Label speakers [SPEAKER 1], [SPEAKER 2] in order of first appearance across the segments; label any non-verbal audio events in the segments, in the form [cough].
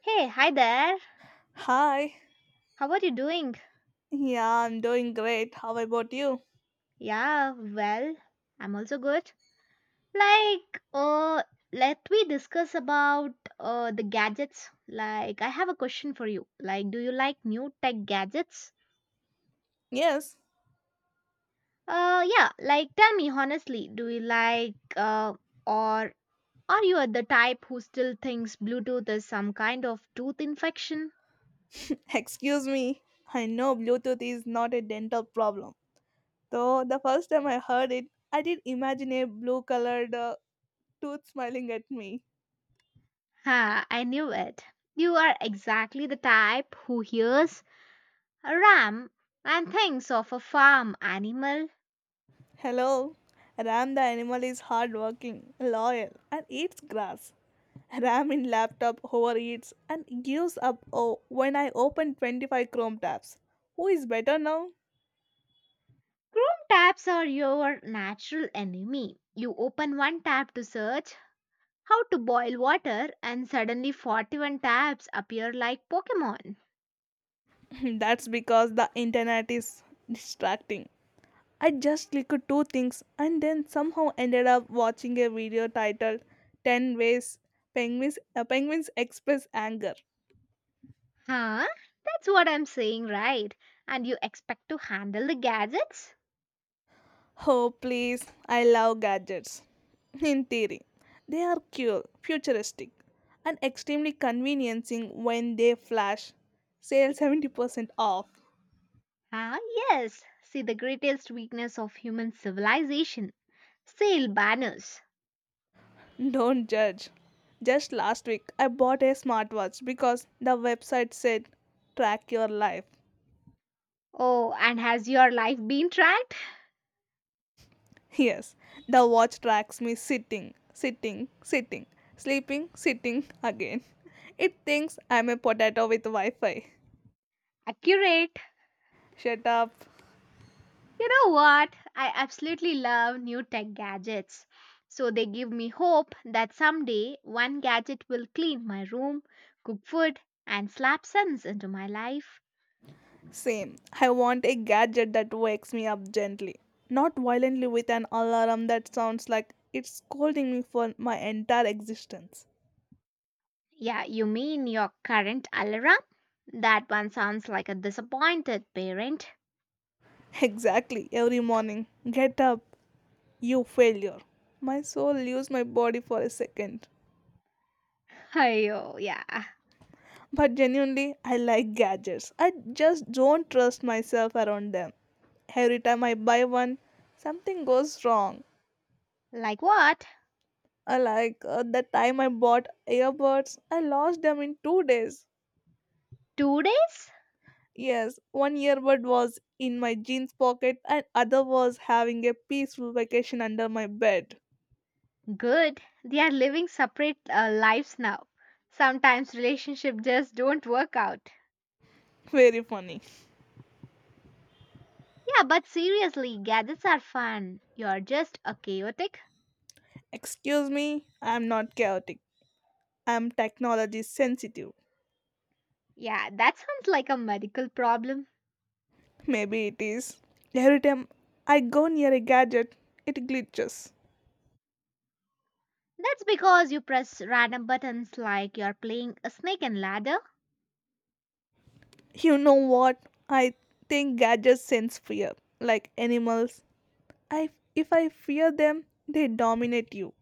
[SPEAKER 1] Hey, hi there.
[SPEAKER 2] Hi.
[SPEAKER 1] How are you doing?
[SPEAKER 2] Yeah, I'm doing great. How about you?
[SPEAKER 1] Yeah, well, I'm also good. Like, let we discuss about the gadgets. Like, I have a question for you. Like, do you like new tech gadgets?
[SPEAKER 2] Yes.
[SPEAKER 1] Yeah, like tell me honestly, do you like or are you the type who still thinks Bluetooth is some kind of tooth infection?
[SPEAKER 2] [laughs] Excuse me. I know Bluetooth is not a dental problem. Though the first time I heard it, I did imagine a blue colored tooth smiling at me.
[SPEAKER 1] Ha, I knew it. You are exactly the type who hears a ram, and thinks of a farm animal.
[SPEAKER 2] Hello. Ram the animal is hardworking, loyal, and eats grass. Ram in laptop overeats and gives up oh, when I open 25 Chrome tabs. Who is better now?
[SPEAKER 1] Chrome tabs are your natural enemy. You open one tab to search how to boil water, and suddenly 41 tabs appear like Pokemon.
[SPEAKER 2] [laughs] That's because the internet is distracting. I just clicked two things and then somehow ended up watching a video titled 10 Ways Penguins, Penguins Express Anger.
[SPEAKER 1] Huh? That's what I'm saying, right? And you expect to handle the gadgets?
[SPEAKER 2] Oh, please, I love gadgets. In theory, they are cool, futuristic, and extremely conveniencing when they flash. Sale 70% off.
[SPEAKER 1] Ah, yes. See the greatest weakness of human civilization sale banners.
[SPEAKER 2] Don't judge. Just last week, I bought a smartwatch because the website said track your life.
[SPEAKER 1] Oh, and has your life been tracked?
[SPEAKER 2] Yes, the watch tracks me sitting, sleeping, sitting again. It thinks I'm a potato with Wi Fi.
[SPEAKER 1] Accurate.
[SPEAKER 2] Shut up.
[SPEAKER 1] You know what? I absolutely love new tech gadgets. So they give me hope that someday one gadget will clean my room, cook food, and slap sense into my life.
[SPEAKER 2] Same. I want a gadget that wakes me up gently, not violently with an alarm that sounds like it's scolding me for my entire existence.
[SPEAKER 1] Yeah, you mean your current alarm? That one sounds like a disappointed parent.
[SPEAKER 2] Exactly, every morning. Get up, you failure. My soul leaves my body for a second.
[SPEAKER 1] [laughs] Ayo, yeah.
[SPEAKER 2] But genuinely, I like gadgets. I just don't trust myself around them. Every time I buy one, something goes wrong.
[SPEAKER 1] Like what?
[SPEAKER 2] I like the time I bought earbuds, I lost them in 2 days.
[SPEAKER 1] 2 days?
[SPEAKER 2] Yes, one earbud was in my jeans pocket, and other was having a peaceful vacation under my bed.
[SPEAKER 1] Good. They are living separate lives now. Sometimes relationships just don't work out.
[SPEAKER 2] Very funny.
[SPEAKER 1] Yeah, but seriously, gadgets are fun. You're just a chaotic.
[SPEAKER 2] Excuse me, I'm not chaotic. I'm technology sensitive.
[SPEAKER 1] Yeah, that sounds like a medical problem.
[SPEAKER 2] Maybe it is. Every time I go near a gadget, it glitches.
[SPEAKER 1] That's because you press random buttons like you're playing a snake and ladder.
[SPEAKER 2] You know what? I think gadgets sense fear. Like animals. I, if I fear them, they dominate you.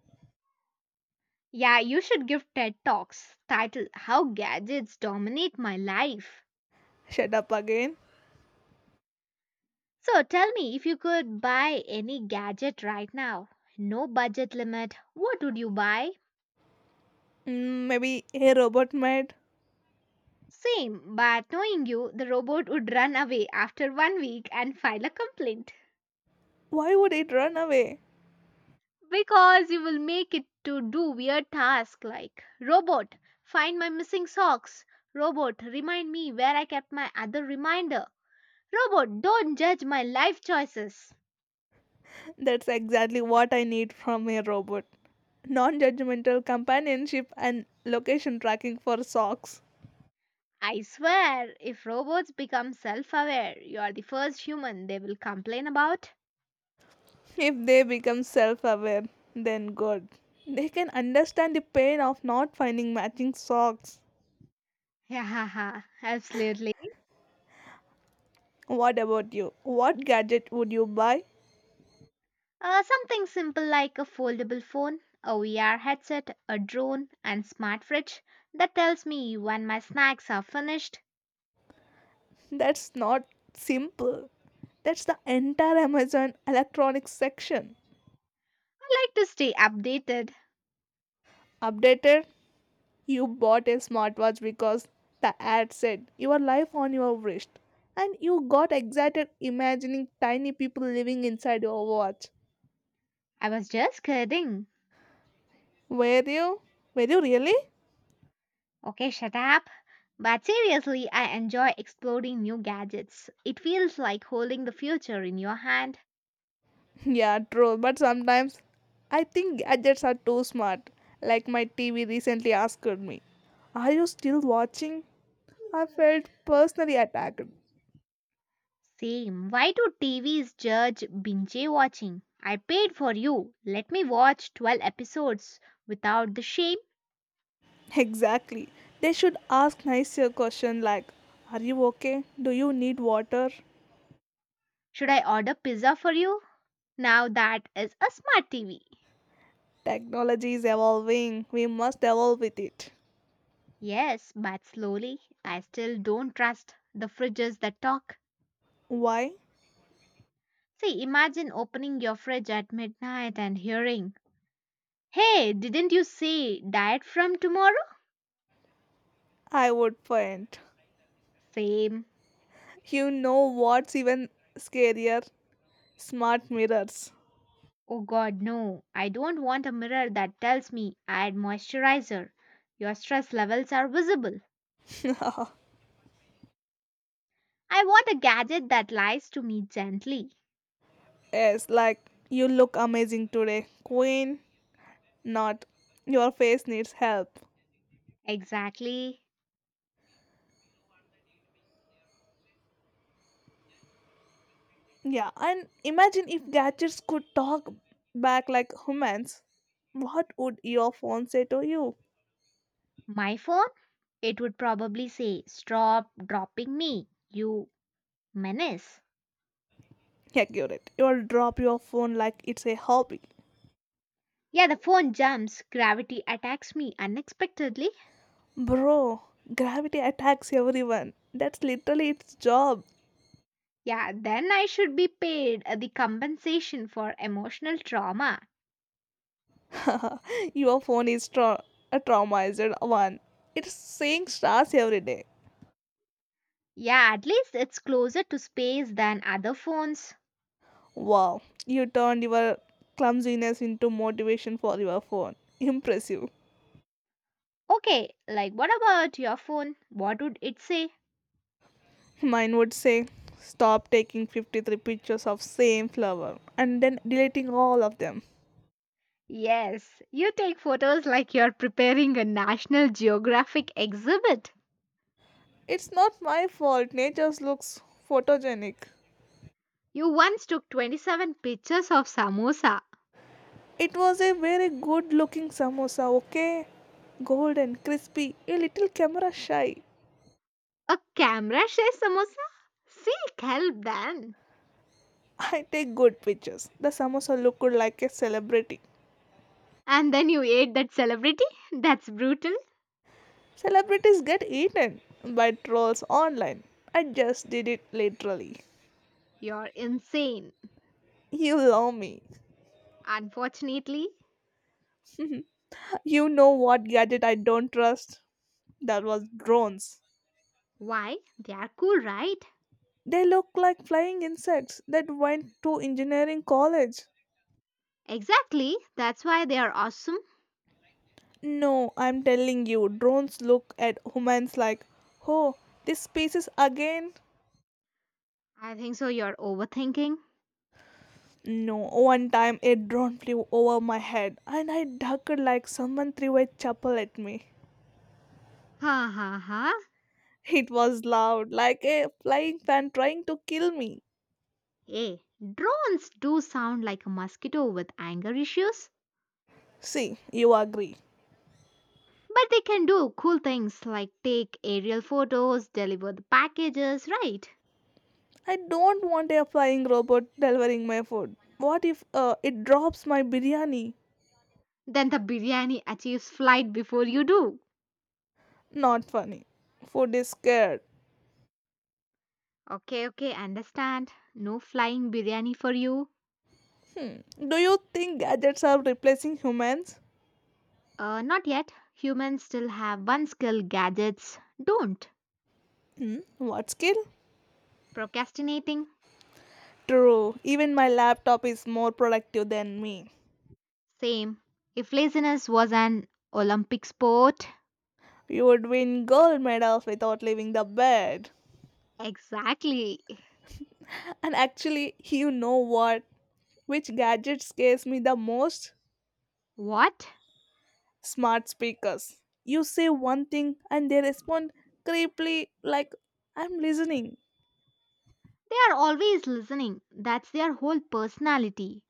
[SPEAKER 1] Yeah, you should give TED Talks titled How Gadgets Dominate My Life.
[SPEAKER 2] Shut up again.
[SPEAKER 1] So tell me, if you could buy any gadget right now, no budget limit, what would you buy?
[SPEAKER 2] Mm, maybe a robot might.
[SPEAKER 1] Same, but knowing you, the robot would run away after one week and file a complaint.
[SPEAKER 2] Why would it run away?
[SPEAKER 1] Because you will make it to do weird tasks like robot, find my missing socks, robot, remind me where I kept my other reminder, robot, don't judge my life choices.
[SPEAKER 2] That's exactly what I need from a robot non judgmental companionship and location tracking for socks.
[SPEAKER 1] I swear, if robots become self aware, you are the first human they will complain about.
[SPEAKER 2] If they become self aware, then good. They can understand the pain of not finding matching socks.
[SPEAKER 1] [laughs] Yeah, absolutely.
[SPEAKER 2] What about you? What gadget would you buy?
[SPEAKER 1] Something simple like a foldable phone, a VR headset, a drone, and smart fridge that tells me when my snacks are finished.
[SPEAKER 2] That's not simple. That's the entire Amazon electronics section.
[SPEAKER 1] I like to stay updated.
[SPEAKER 2] Updated, you bought a smartwatch because the ad said your life on your wrist. And you got excited imagining tiny people living inside your watch.
[SPEAKER 1] I was just kidding.
[SPEAKER 2] Were you? Were you really?
[SPEAKER 1] Okay, shut up. But seriously, I enjoy exploring new gadgets. It feels like holding the future in your hand.
[SPEAKER 2] Yeah, true. But sometimes I think gadgets are too smart. Like my TV recently asked me, are you still watching? I felt personally attacked. [laughs]
[SPEAKER 1] Same. Why do TVs judge binge watching? I paid for you. Let me watch 12 episodes without the shame.
[SPEAKER 2] Exactly. They should ask nicer question like, are you okay? Do you need water?
[SPEAKER 1] Should I order pizza for you? Now that is a smart TV.
[SPEAKER 2] Technology is evolving. We must evolve with it.
[SPEAKER 1] Yes, but slowly. I still don't trust the fridges that talk.
[SPEAKER 2] Why?
[SPEAKER 1] See, imagine opening your fridge at midnight and hearing, Hey, didn't you say diet from tomorrow?
[SPEAKER 2] I would point.
[SPEAKER 1] Same.
[SPEAKER 2] You know what's even scarier? Smart mirrors.
[SPEAKER 1] Oh god, no. I don't want a mirror that tells me, add moisturizer. Your stress levels are visible.
[SPEAKER 2] [laughs]
[SPEAKER 1] I want a gadget that lies to me gently.
[SPEAKER 2] Yes, like you look amazing today, Queen. Not your face needs help.
[SPEAKER 1] Exactly.
[SPEAKER 2] Yeah, and imagine if gadgets could talk back like humans. What would your phone say to you?
[SPEAKER 1] My phone? It would probably say, stop dropping me, you menace.
[SPEAKER 2] Accurate. You'll drop your phone like it's a hobby.
[SPEAKER 1] Yeah, the phone jumps, gravity attacks me unexpectedly.
[SPEAKER 2] Bro, gravity attacks everyone. That's literally its job.
[SPEAKER 1] Yeah, then I should be paid the compensation for emotional trauma.
[SPEAKER 2] [laughs] Your phone is a traumatized one. It's seeing stars every day.
[SPEAKER 1] Yeah, at least it's closer to space than other phones.
[SPEAKER 2] Wow, you turned your clumsiness into motivation for your phone. Impressive.
[SPEAKER 1] Okay, like what about your phone? What would it say?
[SPEAKER 2] Mine would say, stop taking 53 pictures of same flower and then deleting all of them.
[SPEAKER 1] Yes, you take photos like you're preparing a National Geographic exhibit.
[SPEAKER 2] It's not my fault. Nature's looks photogenic.
[SPEAKER 1] You once took 27 pictures of samosa.
[SPEAKER 2] It was a very good looking samosa, okay? Golden, crispy, a little camera shy.
[SPEAKER 1] A camera shares samosa? Seek help then.
[SPEAKER 2] I take good pictures. The samosa looked like a celebrity.
[SPEAKER 1] And then you ate that celebrity? That's brutal.
[SPEAKER 2] Celebrities get eaten by trolls online. I just did it literally.
[SPEAKER 1] You're insane.
[SPEAKER 2] You love me.
[SPEAKER 1] Unfortunately,
[SPEAKER 2] You know what gadget I don't trust? That was drones.
[SPEAKER 1] why? They are cool, right?
[SPEAKER 2] They look like flying insects that went to engineering college.
[SPEAKER 1] Exactly. That's why they are awesome.
[SPEAKER 2] No, I'm telling you, drones look at humans like, oh, this species again?
[SPEAKER 1] I think so. You're overthinking.
[SPEAKER 2] No, one time a drone flew over my head and I ducked like someone threw a chapel at me.
[SPEAKER 1] Ha ha ha.
[SPEAKER 2] It was loud, like a flying fan trying to kill me.
[SPEAKER 1] Hey, drones do sound like a mosquito with anger issues,
[SPEAKER 2] See, you agree.
[SPEAKER 1] but they can do cool things like take aerial photos, deliver the packages, right?
[SPEAKER 2] I don't want a flying robot delivering my food. What if it drops my biryani?
[SPEAKER 1] Then the biryani achieves flight before you do.
[SPEAKER 2] Not funny. Food is scared.
[SPEAKER 1] Okay, okay, understand. No flying biryani for you.
[SPEAKER 2] Hmm. Do you think gadgets are replacing humans?
[SPEAKER 1] Not yet. Humans still have one skill gadgets don't.
[SPEAKER 2] Hmm. What skill?
[SPEAKER 1] Procrastinating?
[SPEAKER 2] True. Even my laptop is more productive than me.
[SPEAKER 1] Same. If laziness was an Olympic sport,
[SPEAKER 2] You would win gold medals without leaving the bed.
[SPEAKER 1] exactly.
[SPEAKER 2] And actually, you know what? Which gadget scares me the most?
[SPEAKER 1] What?
[SPEAKER 2] Smart speakers. You say one thing and they respond creepily like I'm listening.
[SPEAKER 1] They are always listening. That's their whole personality.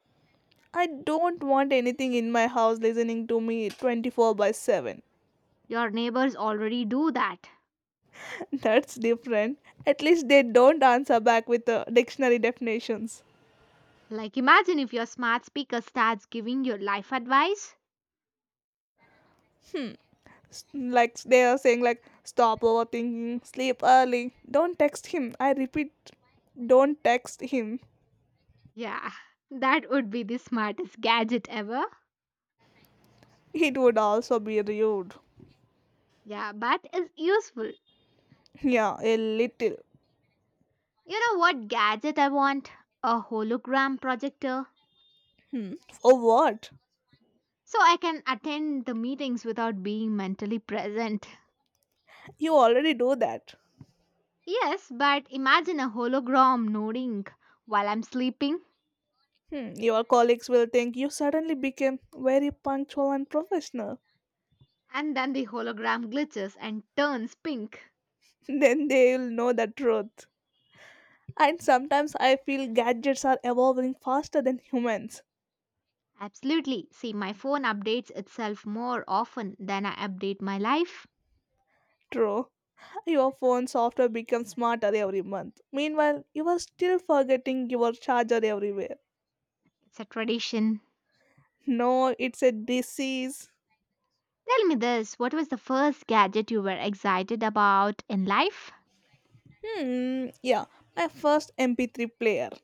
[SPEAKER 2] I don't want anything in my house listening to me 24 by 7.
[SPEAKER 1] Your neighbors already do that.
[SPEAKER 2] [laughs] That's different. At least they don't answer back with the dictionary definitions.
[SPEAKER 1] Like, imagine if your smart speaker starts giving you life advice.
[SPEAKER 2] Like they are saying like stop overthinking, sleep early. Don't text him. I repeat, don't text him.
[SPEAKER 1] Yeah, [laughs] that would be the smartest gadget ever.
[SPEAKER 2] It would also be rude.
[SPEAKER 1] Yeah, but it's useful.
[SPEAKER 2] Yeah, a little.
[SPEAKER 1] You know what gadget I want? A hologram projector.
[SPEAKER 2] Hmm. For what?
[SPEAKER 1] So I can attend the meetings without being mentally present.
[SPEAKER 2] You already do that.
[SPEAKER 1] Yes, but imagine a hologram nodding while I'm sleeping.
[SPEAKER 2] Hmm, your colleagues will think you suddenly became very punctual and professional.
[SPEAKER 1] And then the hologram glitches and turns pink.
[SPEAKER 2] [laughs] Then they'll know the truth. And sometimes I feel gadgets are evolving faster than humans.
[SPEAKER 1] Absolutely. See, my phone updates itself more often than I update my life.
[SPEAKER 2] True. Your phone software becomes smarter every month. Meanwhile, you are still forgetting your charger everywhere.
[SPEAKER 1] It's a tradition.
[SPEAKER 2] No, it's a disease.
[SPEAKER 1] Tell me this, what was the first gadget you were excited about in life?
[SPEAKER 2] Hmm, yeah, my first MP3 player. [laughs]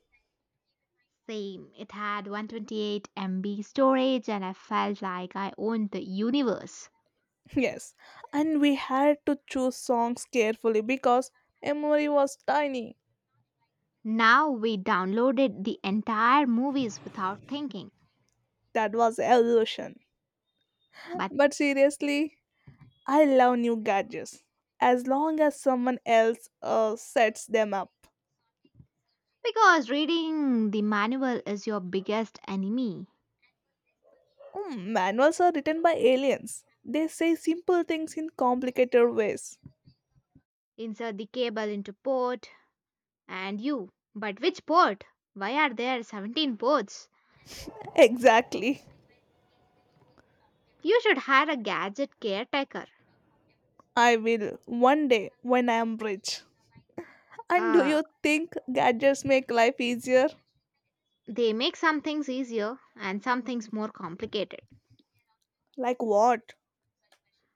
[SPEAKER 1] Same. It had 128 MB storage, and I felt like I owned the universe.
[SPEAKER 2] Yes, and we had to choose songs carefully because memory was tiny.
[SPEAKER 1] Now we downloaded the entire movies without thinking.
[SPEAKER 2] That was evolution.
[SPEAKER 1] But
[SPEAKER 2] But seriously, I love new gadgets as long as someone else sets them up.
[SPEAKER 1] because reading the manual is your biggest enemy,
[SPEAKER 2] Hmm, manuals are written by aliens. They say simple things in complicated ways.
[SPEAKER 1] insert the cable into port, and you. But which port? Why are there 17 ports?
[SPEAKER 2] Exactly.
[SPEAKER 1] You should hire a gadget caretaker.
[SPEAKER 2] I will one day when I am rich. And do
[SPEAKER 1] Uh,
[SPEAKER 2] you think gadgets make life easier?
[SPEAKER 1] they make some things easier and some things more complicated.
[SPEAKER 2] Like what?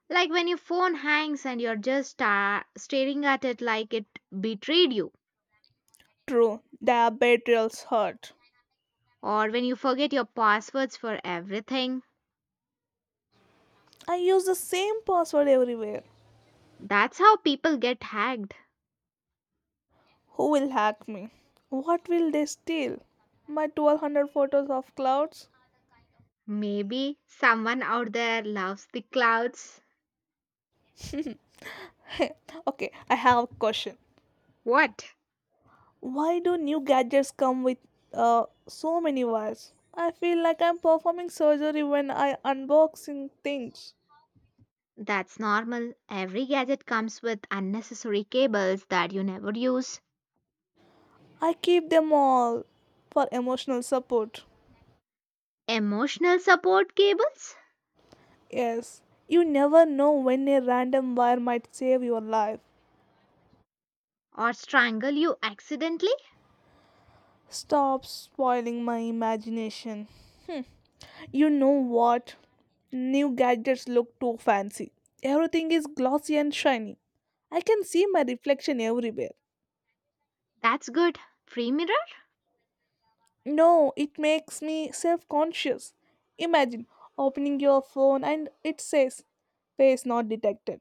[SPEAKER 1] Like when your phone hangs and you're just staring at it like it betrayed you,
[SPEAKER 2] True, their hurt.
[SPEAKER 1] or when you forget your passwords for everything.
[SPEAKER 2] I use the same password everywhere.
[SPEAKER 1] That's how people get hacked.
[SPEAKER 2] Who will hack me? What will they steal? My 1,200 photos of clouds?
[SPEAKER 1] Maybe someone out there loves the clouds.
[SPEAKER 2] [laughs] Okay, I have a question.
[SPEAKER 1] What?
[SPEAKER 2] Why do new gadgets come with so many wires? I feel like I'm performing surgery when I unboxing things.
[SPEAKER 1] That's normal. Every gadget comes with unnecessary cables that you never use.
[SPEAKER 2] I keep them all for emotional support.
[SPEAKER 1] Emotional support cables?
[SPEAKER 2] Yes, you never know when a random wire might save your life.
[SPEAKER 1] Or strangle you accidentally?
[SPEAKER 2] Stop spoiling my imagination. Hmm. You know what? New gadgets look too fancy. Everything is glossy and shiny. I can see my reflection everywhere.
[SPEAKER 1] That's good. Free mirror?
[SPEAKER 2] No, it makes me self conscious. Imagine opening your phone and it says face not detected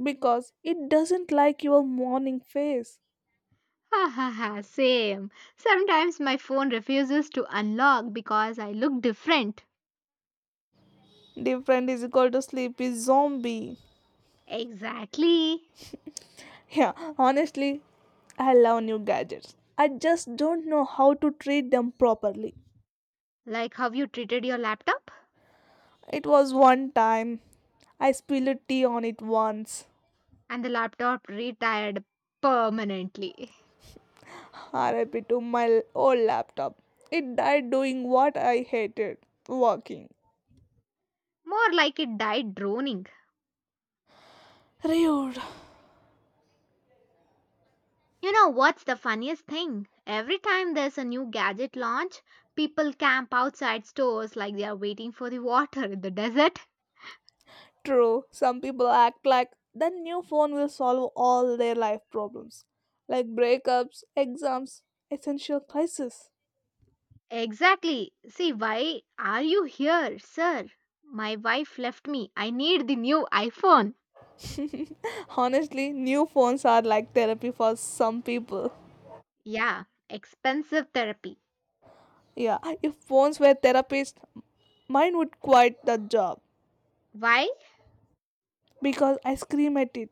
[SPEAKER 2] because it doesn't like your morning face.
[SPEAKER 1] Ha ha ha, same. Sometimes my phone refuses to unlock because I look different.
[SPEAKER 2] Different is equal to sleepy zombie.
[SPEAKER 1] Exactly.
[SPEAKER 2] Yeah, honestly, I love new gadgets. I just don't know how to treat them properly.
[SPEAKER 1] Like how you treated your laptop?
[SPEAKER 2] It was one time. I spilled a tea on it once.
[SPEAKER 1] And the laptop retired permanently.
[SPEAKER 2] RIP to my old laptop. It died doing what I hated working.
[SPEAKER 1] More like it died droning.
[SPEAKER 2] Rude.
[SPEAKER 1] You know what's the funniest thing? Every time there's a new gadget launch, people camp outside stores like they are waiting for the water in the desert.
[SPEAKER 2] True, some people act like the new phone will solve all their life problems, like breakups, exams, essential crisis.
[SPEAKER 1] Exactly. See, why are you here, sir? My wife left me. I need the new iPhone.
[SPEAKER 2] Honestly, new phones are like therapy for some people.
[SPEAKER 1] Yeah, expensive therapy.
[SPEAKER 2] Yeah, if phones were therapists, mine would quit the job.
[SPEAKER 1] Why?
[SPEAKER 2] Because I scream at it,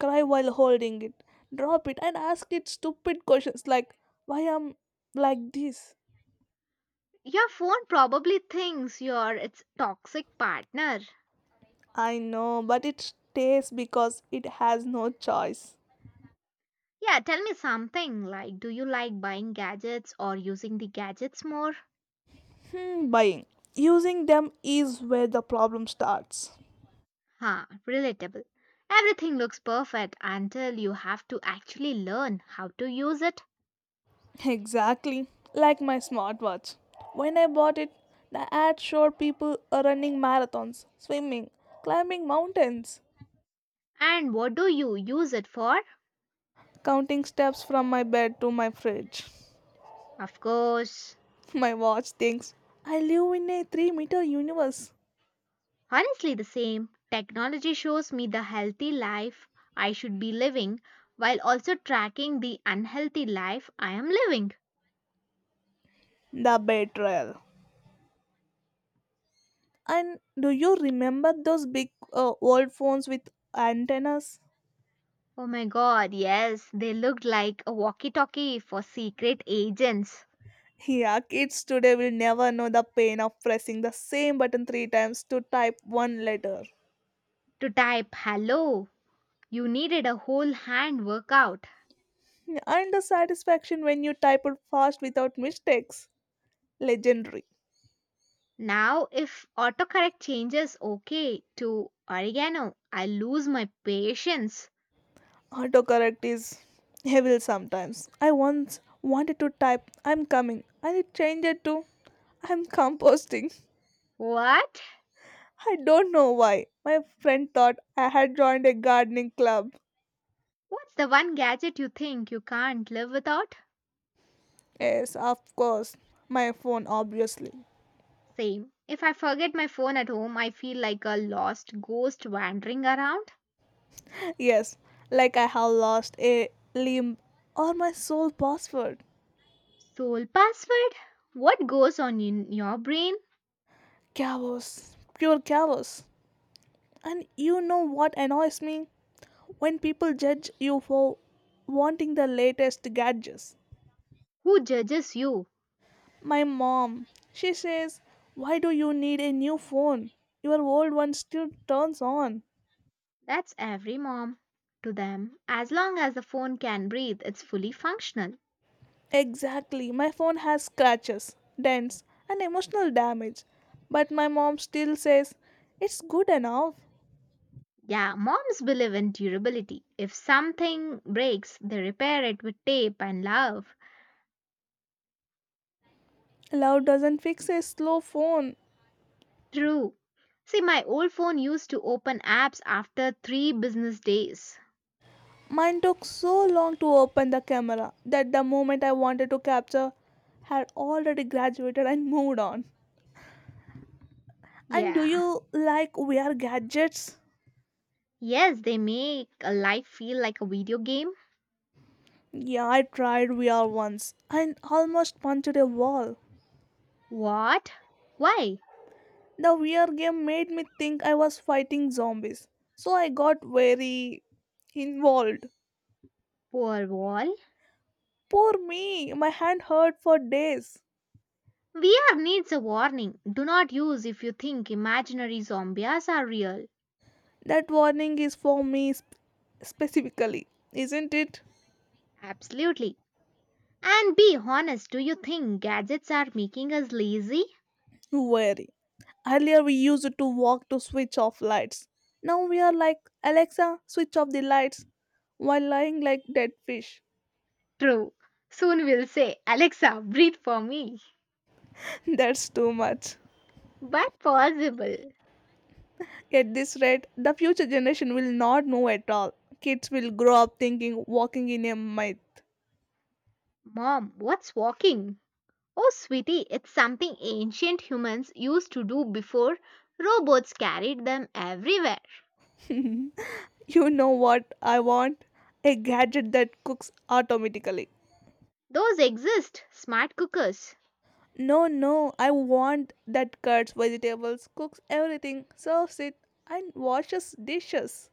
[SPEAKER 2] cry while holding it, drop it, and ask it stupid questions like, why am like this?
[SPEAKER 1] Your phone probably thinks you're its toxic partner.
[SPEAKER 2] I know, but it stays because it has no choice.
[SPEAKER 1] Yeah, tell me something, like do you like buying gadgets or using the gadgets more?
[SPEAKER 2] Hmm, buying. Using them is where the problem starts.
[SPEAKER 1] Huh, relatable. Everything looks perfect until you have to actually learn how to use it.
[SPEAKER 2] [laughs] Exactly. Like my smartwatch. When I bought it, the ad showed people are running marathons, swimming, climbing mountains,
[SPEAKER 1] And what do you use it for?
[SPEAKER 2] counting steps from my bed to my fridge.
[SPEAKER 1] Of course.
[SPEAKER 2] [laughs] My watch thinks I live in a 3-meter universe.
[SPEAKER 1] Honestly, the same. Technology shows me the healthy life I should be living while also tracking the unhealthy life I am living.
[SPEAKER 2] The betrayal. And do you remember those big old phones with antennas?
[SPEAKER 1] Oh my god, yes, they looked like a walkie talkie for secret agents.
[SPEAKER 2] Yeah, kids today will never know the pain of pressing the same button three times to type one letter.
[SPEAKER 1] To type hello, you needed a whole hand workout.
[SPEAKER 2] And the satisfaction when you type it fast without mistakes. Legendary.
[SPEAKER 1] Now, if autocorrect changes okay to oregano, I lose my patience.
[SPEAKER 2] Autocorrect is evil sometimes. I once wanted to type I'm coming and it changed it to I'm composting.
[SPEAKER 1] What?
[SPEAKER 2] I don't know why. My friend thought I had joined a gardening club.
[SPEAKER 1] What's the one gadget you think you can't live without?
[SPEAKER 2] Yes, of course. My phone, obviously.
[SPEAKER 1] Same. If I forget my phone at home, I feel like a lost ghost wandering around.
[SPEAKER 2] Yes, like I have lost a limb or my sole password.
[SPEAKER 1] Soul password? What goes on in your brain?
[SPEAKER 2] Chaos. Pure chaos. And you know what annoys me? When people judge you for wanting the latest gadgets.
[SPEAKER 1] Who judges you?
[SPEAKER 2] My mom, she says, why do you need a new phone? Your old one still turns on.
[SPEAKER 1] That's every mom. To them, as long as the phone can breathe, it's fully functional.
[SPEAKER 2] Exactly. My phone has scratches, dents, and emotional damage. But my mom still says, it's good enough.
[SPEAKER 1] Yeah, moms believe in durability. If something breaks, they repair it with tape and love.
[SPEAKER 2] Love doesn't fix a slow phone.
[SPEAKER 1] True. See, my old phone used to open apps after 3 business days.
[SPEAKER 2] Mine took so long to open the camera that the moment I wanted to capture had already graduated and moved on. And do
[SPEAKER 1] Yeah.
[SPEAKER 2] you like VR gadgets?
[SPEAKER 1] Yes, they make a life feel like a video game.
[SPEAKER 2] Yeah, I tried VR once and almost punched a wall.
[SPEAKER 1] What? Why?
[SPEAKER 2] The VR game made me think I was fighting zombies, so I got very involved.
[SPEAKER 1] Poor wall.
[SPEAKER 2] Poor me, my hand hurt for days.
[SPEAKER 1] VR needs a warning. Do not use if you think imaginary zombies are real.
[SPEAKER 2] That warning is for me specifically, isn't it?
[SPEAKER 1] Absolutely. And be honest, do you think gadgets are making us lazy?
[SPEAKER 2] Very. Earlier we used to walk to switch off lights. Now we are like, Alexa, switch off the lights while lying like dead fish.
[SPEAKER 1] True. Soon we'll say, Alexa, breathe for me.
[SPEAKER 2] [laughs] That's too much.
[SPEAKER 1] But possible.
[SPEAKER 2] At this rate, the future generation will not know at all. Kids will grow up thinking walking in a myth.
[SPEAKER 1] Mom, what's walking? Oh, sweetie, it's something ancient humans used to do before robots carried them everywhere.
[SPEAKER 2] You know what I want? A gadget that cooks automatically.
[SPEAKER 1] Those exist, smart cookers.
[SPEAKER 2] No, no, I want that cuts vegetables, cooks everything, serves it, and washes dishes.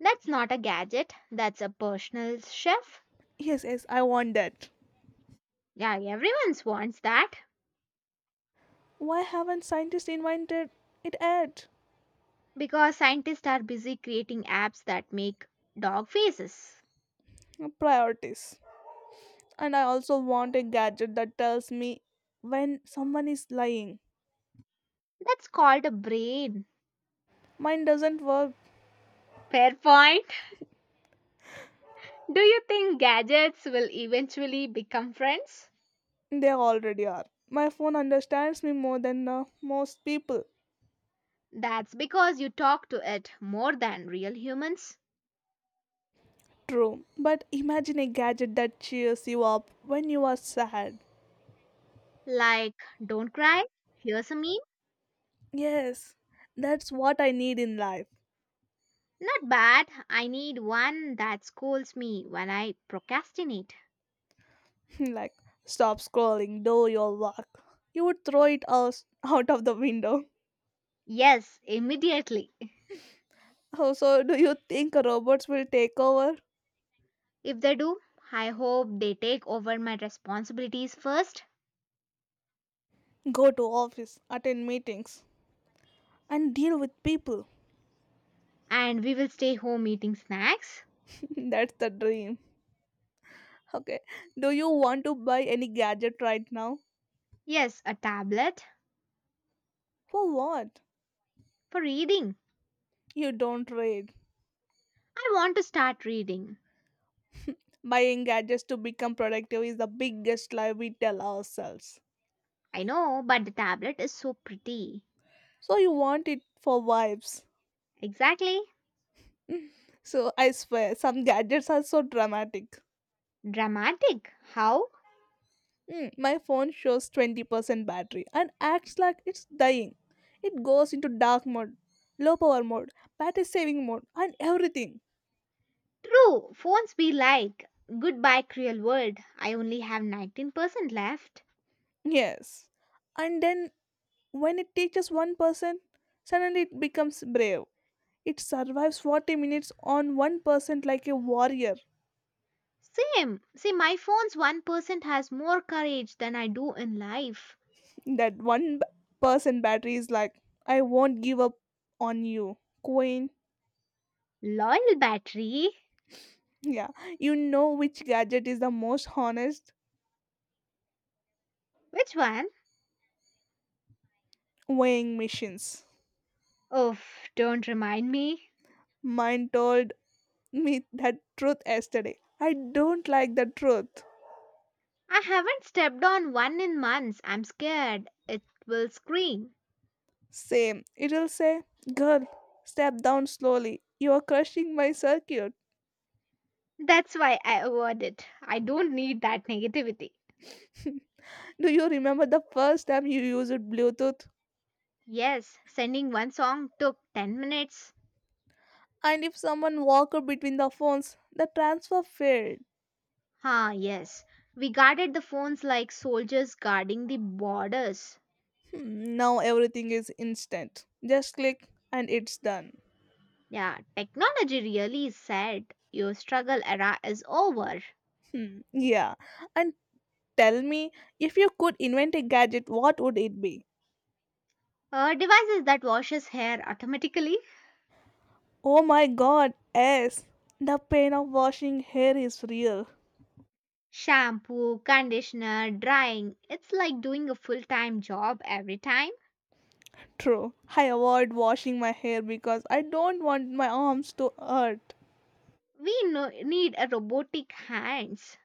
[SPEAKER 1] That's not a gadget, that's a personal chef.
[SPEAKER 2] Yes, yes, I want that.
[SPEAKER 1] Yeah, everyone wants that
[SPEAKER 2] Why haven't scientists invented it yet?
[SPEAKER 1] because scientists are busy creating apps that make dog faces.
[SPEAKER 2] Priorities. And I also want a gadget that tells me when someone is lying.
[SPEAKER 1] That's called a brain.
[SPEAKER 2] Mine doesn't work.
[SPEAKER 1] Fair point. Do you think gadgets will eventually become friends?
[SPEAKER 2] They already are. My phone understands me more than most people.
[SPEAKER 1] That's because you talk to it more than real humans.
[SPEAKER 2] True. But imagine a gadget that cheers you up when you are sad.
[SPEAKER 1] Like, don't cry, here's a meme.
[SPEAKER 2] Yes, that's what I need in life.
[SPEAKER 1] Not bad, I need one that scolds me when I procrastinate.
[SPEAKER 2] [laughs] Like, stop scrolling, do your work. You would throw it us out of the window. [laughs]
[SPEAKER 1] Yes, immediately.
[SPEAKER 2] Oh, so do you think robots will take over?
[SPEAKER 1] If they do, I hope they take over my responsibilities first,
[SPEAKER 2] Go to office, attend meetings, and deal with people.
[SPEAKER 1] and we will stay home eating snacks.
[SPEAKER 2] [laughs] That's the dream. Okay, do you want to buy any gadget right now?
[SPEAKER 1] Yes, a tablet
[SPEAKER 2] For what?
[SPEAKER 1] for reading.
[SPEAKER 2] You don't read.
[SPEAKER 1] I want to start reading.
[SPEAKER 2] Buying gadgets to become productive is the biggest lie we tell ourselves.
[SPEAKER 1] I know, but the tablet is so pretty.
[SPEAKER 2] So you want it for vibes.
[SPEAKER 1] Exactly.
[SPEAKER 2] So I swear, some gadgets are so dramatic.
[SPEAKER 1] Dramatic. How?
[SPEAKER 2] Hmm, my phone shows 20% battery and acts like it's dying. It goes into dark mode, low power mode, battery saving mode, and everything.
[SPEAKER 1] True. Phones be like, goodbye, cruel world. I only have 19% left.
[SPEAKER 2] Yes. And then when it teaches one person, suddenly it becomes brave. It survives 40 minutes on 1% like a warrior.
[SPEAKER 1] Same. See, my phone's 1% has more courage than I do in life.
[SPEAKER 2] That one b- person battery is like, I won't give up on you, Queen.
[SPEAKER 1] Loyal battery.
[SPEAKER 2] Yeah, you know which gadget is the most honest?
[SPEAKER 1] Which one?
[SPEAKER 2] Weighing machines.
[SPEAKER 1] Oh, don't remind me.
[SPEAKER 2] Mine told me that truth yesterday. I don't like the truth.
[SPEAKER 1] I haven't stepped on one in months. I'm scared. It will scream.
[SPEAKER 2] Same. It'll say, girl, step down slowly. You are crushing my circuit.
[SPEAKER 1] That's why I avoid it. I don't need that negativity.
[SPEAKER 2] Do you remember the first time you used Bluetooth?
[SPEAKER 1] Yes, sending one song took 10 minutes.
[SPEAKER 2] And if someone walked between the phones, the transfer failed.
[SPEAKER 1] Ah, yes. We guarded the phones like soldiers guarding the borders.
[SPEAKER 2] Hmm, now everything is instant. Just click and it's done.
[SPEAKER 1] Yeah, technology really is sad. Your struggle era is over.
[SPEAKER 2] Hmm, yeah. And tell me, if you could invent a gadget, what would it be?
[SPEAKER 1] Devices that washes hair automatically,
[SPEAKER 2] Oh my god, yes. The pain of washing hair is real.
[SPEAKER 1] shampoo, conditioner, drying. It's like doing a full-time job every time.
[SPEAKER 2] True. I avoid washing my hair because I don't want my arms to hurt.
[SPEAKER 1] We need a robotic hands.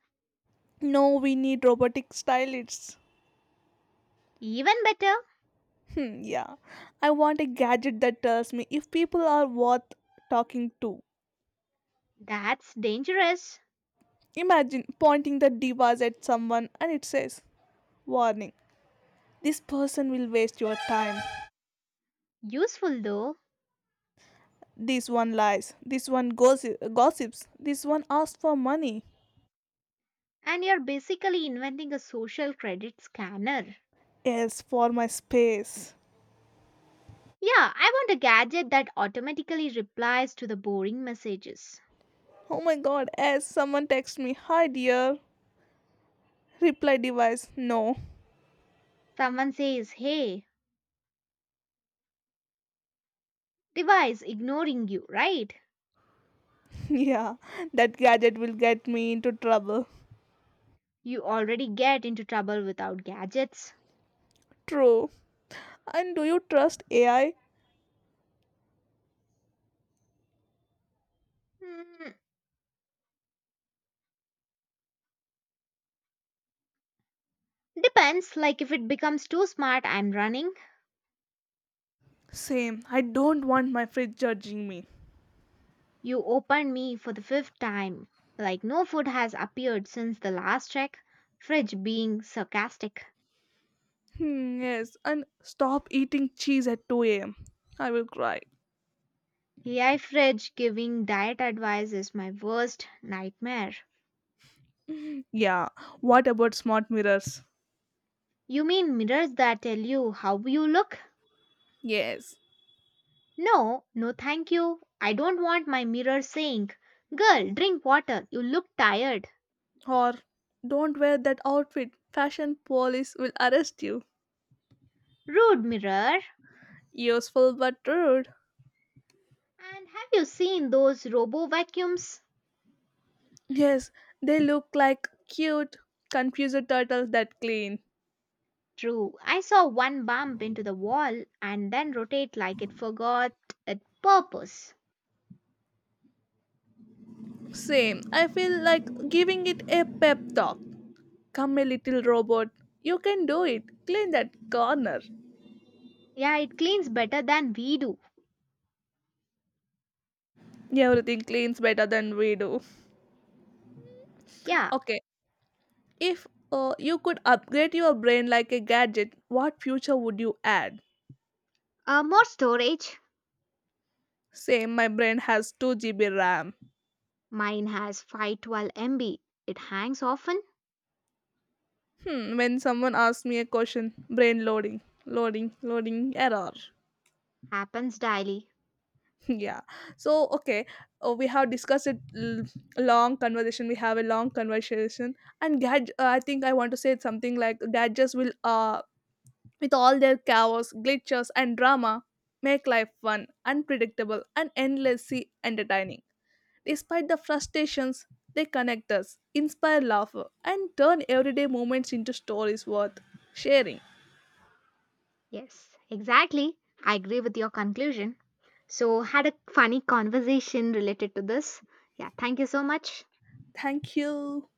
[SPEAKER 2] No, we need robotic stylists.
[SPEAKER 1] Even better,
[SPEAKER 2] Hmm, yeah. I want a gadget that tells me if people are worth talking to.
[SPEAKER 1] that's dangerous.
[SPEAKER 2] Imagine pointing the device at someone and it says, warning, this person will waste your time.
[SPEAKER 1] Useful though.
[SPEAKER 2] This one lies. Gossips. This one asks for money.
[SPEAKER 1] And you're basically inventing a social credit scanner.
[SPEAKER 2] Yes, for my space.
[SPEAKER 1] Yeah, I want a gadget that automatically replies to the boring messages.
[SPEAKER 2] Oh my god, yes, someone text me, hi dear. Reply device, no.
[SPEAKER 1] Someone says, Hey, device ignoring you, right?
[SPEAKER 2] [laughs] Yeah, that gadget will get me into trouble.
[SPEAKER 1] You already get into trouble without gadgets.
[SPEAKER 2] True. And do you trust AI?
[SPEAKER 1] Hmm, depends, like if it becomes too smart, I'm running.
[SPEAKER 2] Same. I don't want my fridge judging me.
[SPEAKER 1] You opened me for the fifth time. Like no food has appeared since the last check. Fridge being sarcastic.
[SPEAKER 2] Hmm, yes, and stop eating cheese at 2 a.m. I will cry.
[SPEAKER 1] AI fridge giving diet advice is my worst nightmare.
[SPEAKER 2] Yeah, what about smart mirrors?
[SPEAKER 1] You mean mirrors that tell you how you look?
[SPEAKER 2] Yes.
[SPEAKER 1] No, no, thank you. I don't want my mirror saying, girl, drink water, you look tired.
[SPEAKER 2] Or don't wear that outfit. Fashion police will arrest you.
[SPEAKER 1] Rude mirror.
[SPEAKER 2] Useful but rude.
[SPEAKER 1] And have you seen those robo vacuums?
[SPEAKER 2] Yes, they look like cute, confused turtles that clean.
[SPEAKER 1] True, I saw one bump into the wall and then rotate like it forgot its purpose.
[SPEAKER 2] Same. I feel like giving it a pep talk. Come, a little robot. You can do it. Clean that corner.
[SPEAKER 1] Yeah, it cleans better than we do.
[SPEAKER 2] Everything cleans better than we do.
[SPEAKER 1] Yeah,
[SPEAKER 2] Okay, if you could upgrade your brain like a gadget, what future would you add?
[SPEAKER 1] more storage.
[SPEAKER 2] Same, my brain has 2 GB RAM.
[SPEAKER 1] Mine has 512 MB. It hangs often,
[SPEAKER 2] Hmm, when someone asks me a question, brain loading, loading, loading, error.
[SPEAKER 1] happens daily.
[SPEAKER 2] [laughs] Yeah. So, okay, we have long conversation. We have a long conversation. And I think I want to say something like gadgets will, with all their chaos, glitches, and drama, make life fun, unpredictable, and endlessly entertaining. Despite the frustrations, they connect us, inspire laughter, and turn everyday moments into stories worth sharing.
[SPEAKER 1] Yes, exactly. I agree with your conclusion. So, had a funny conversation related to this. Yeah, thank you so much.
[SPEAKER 2] Thank you.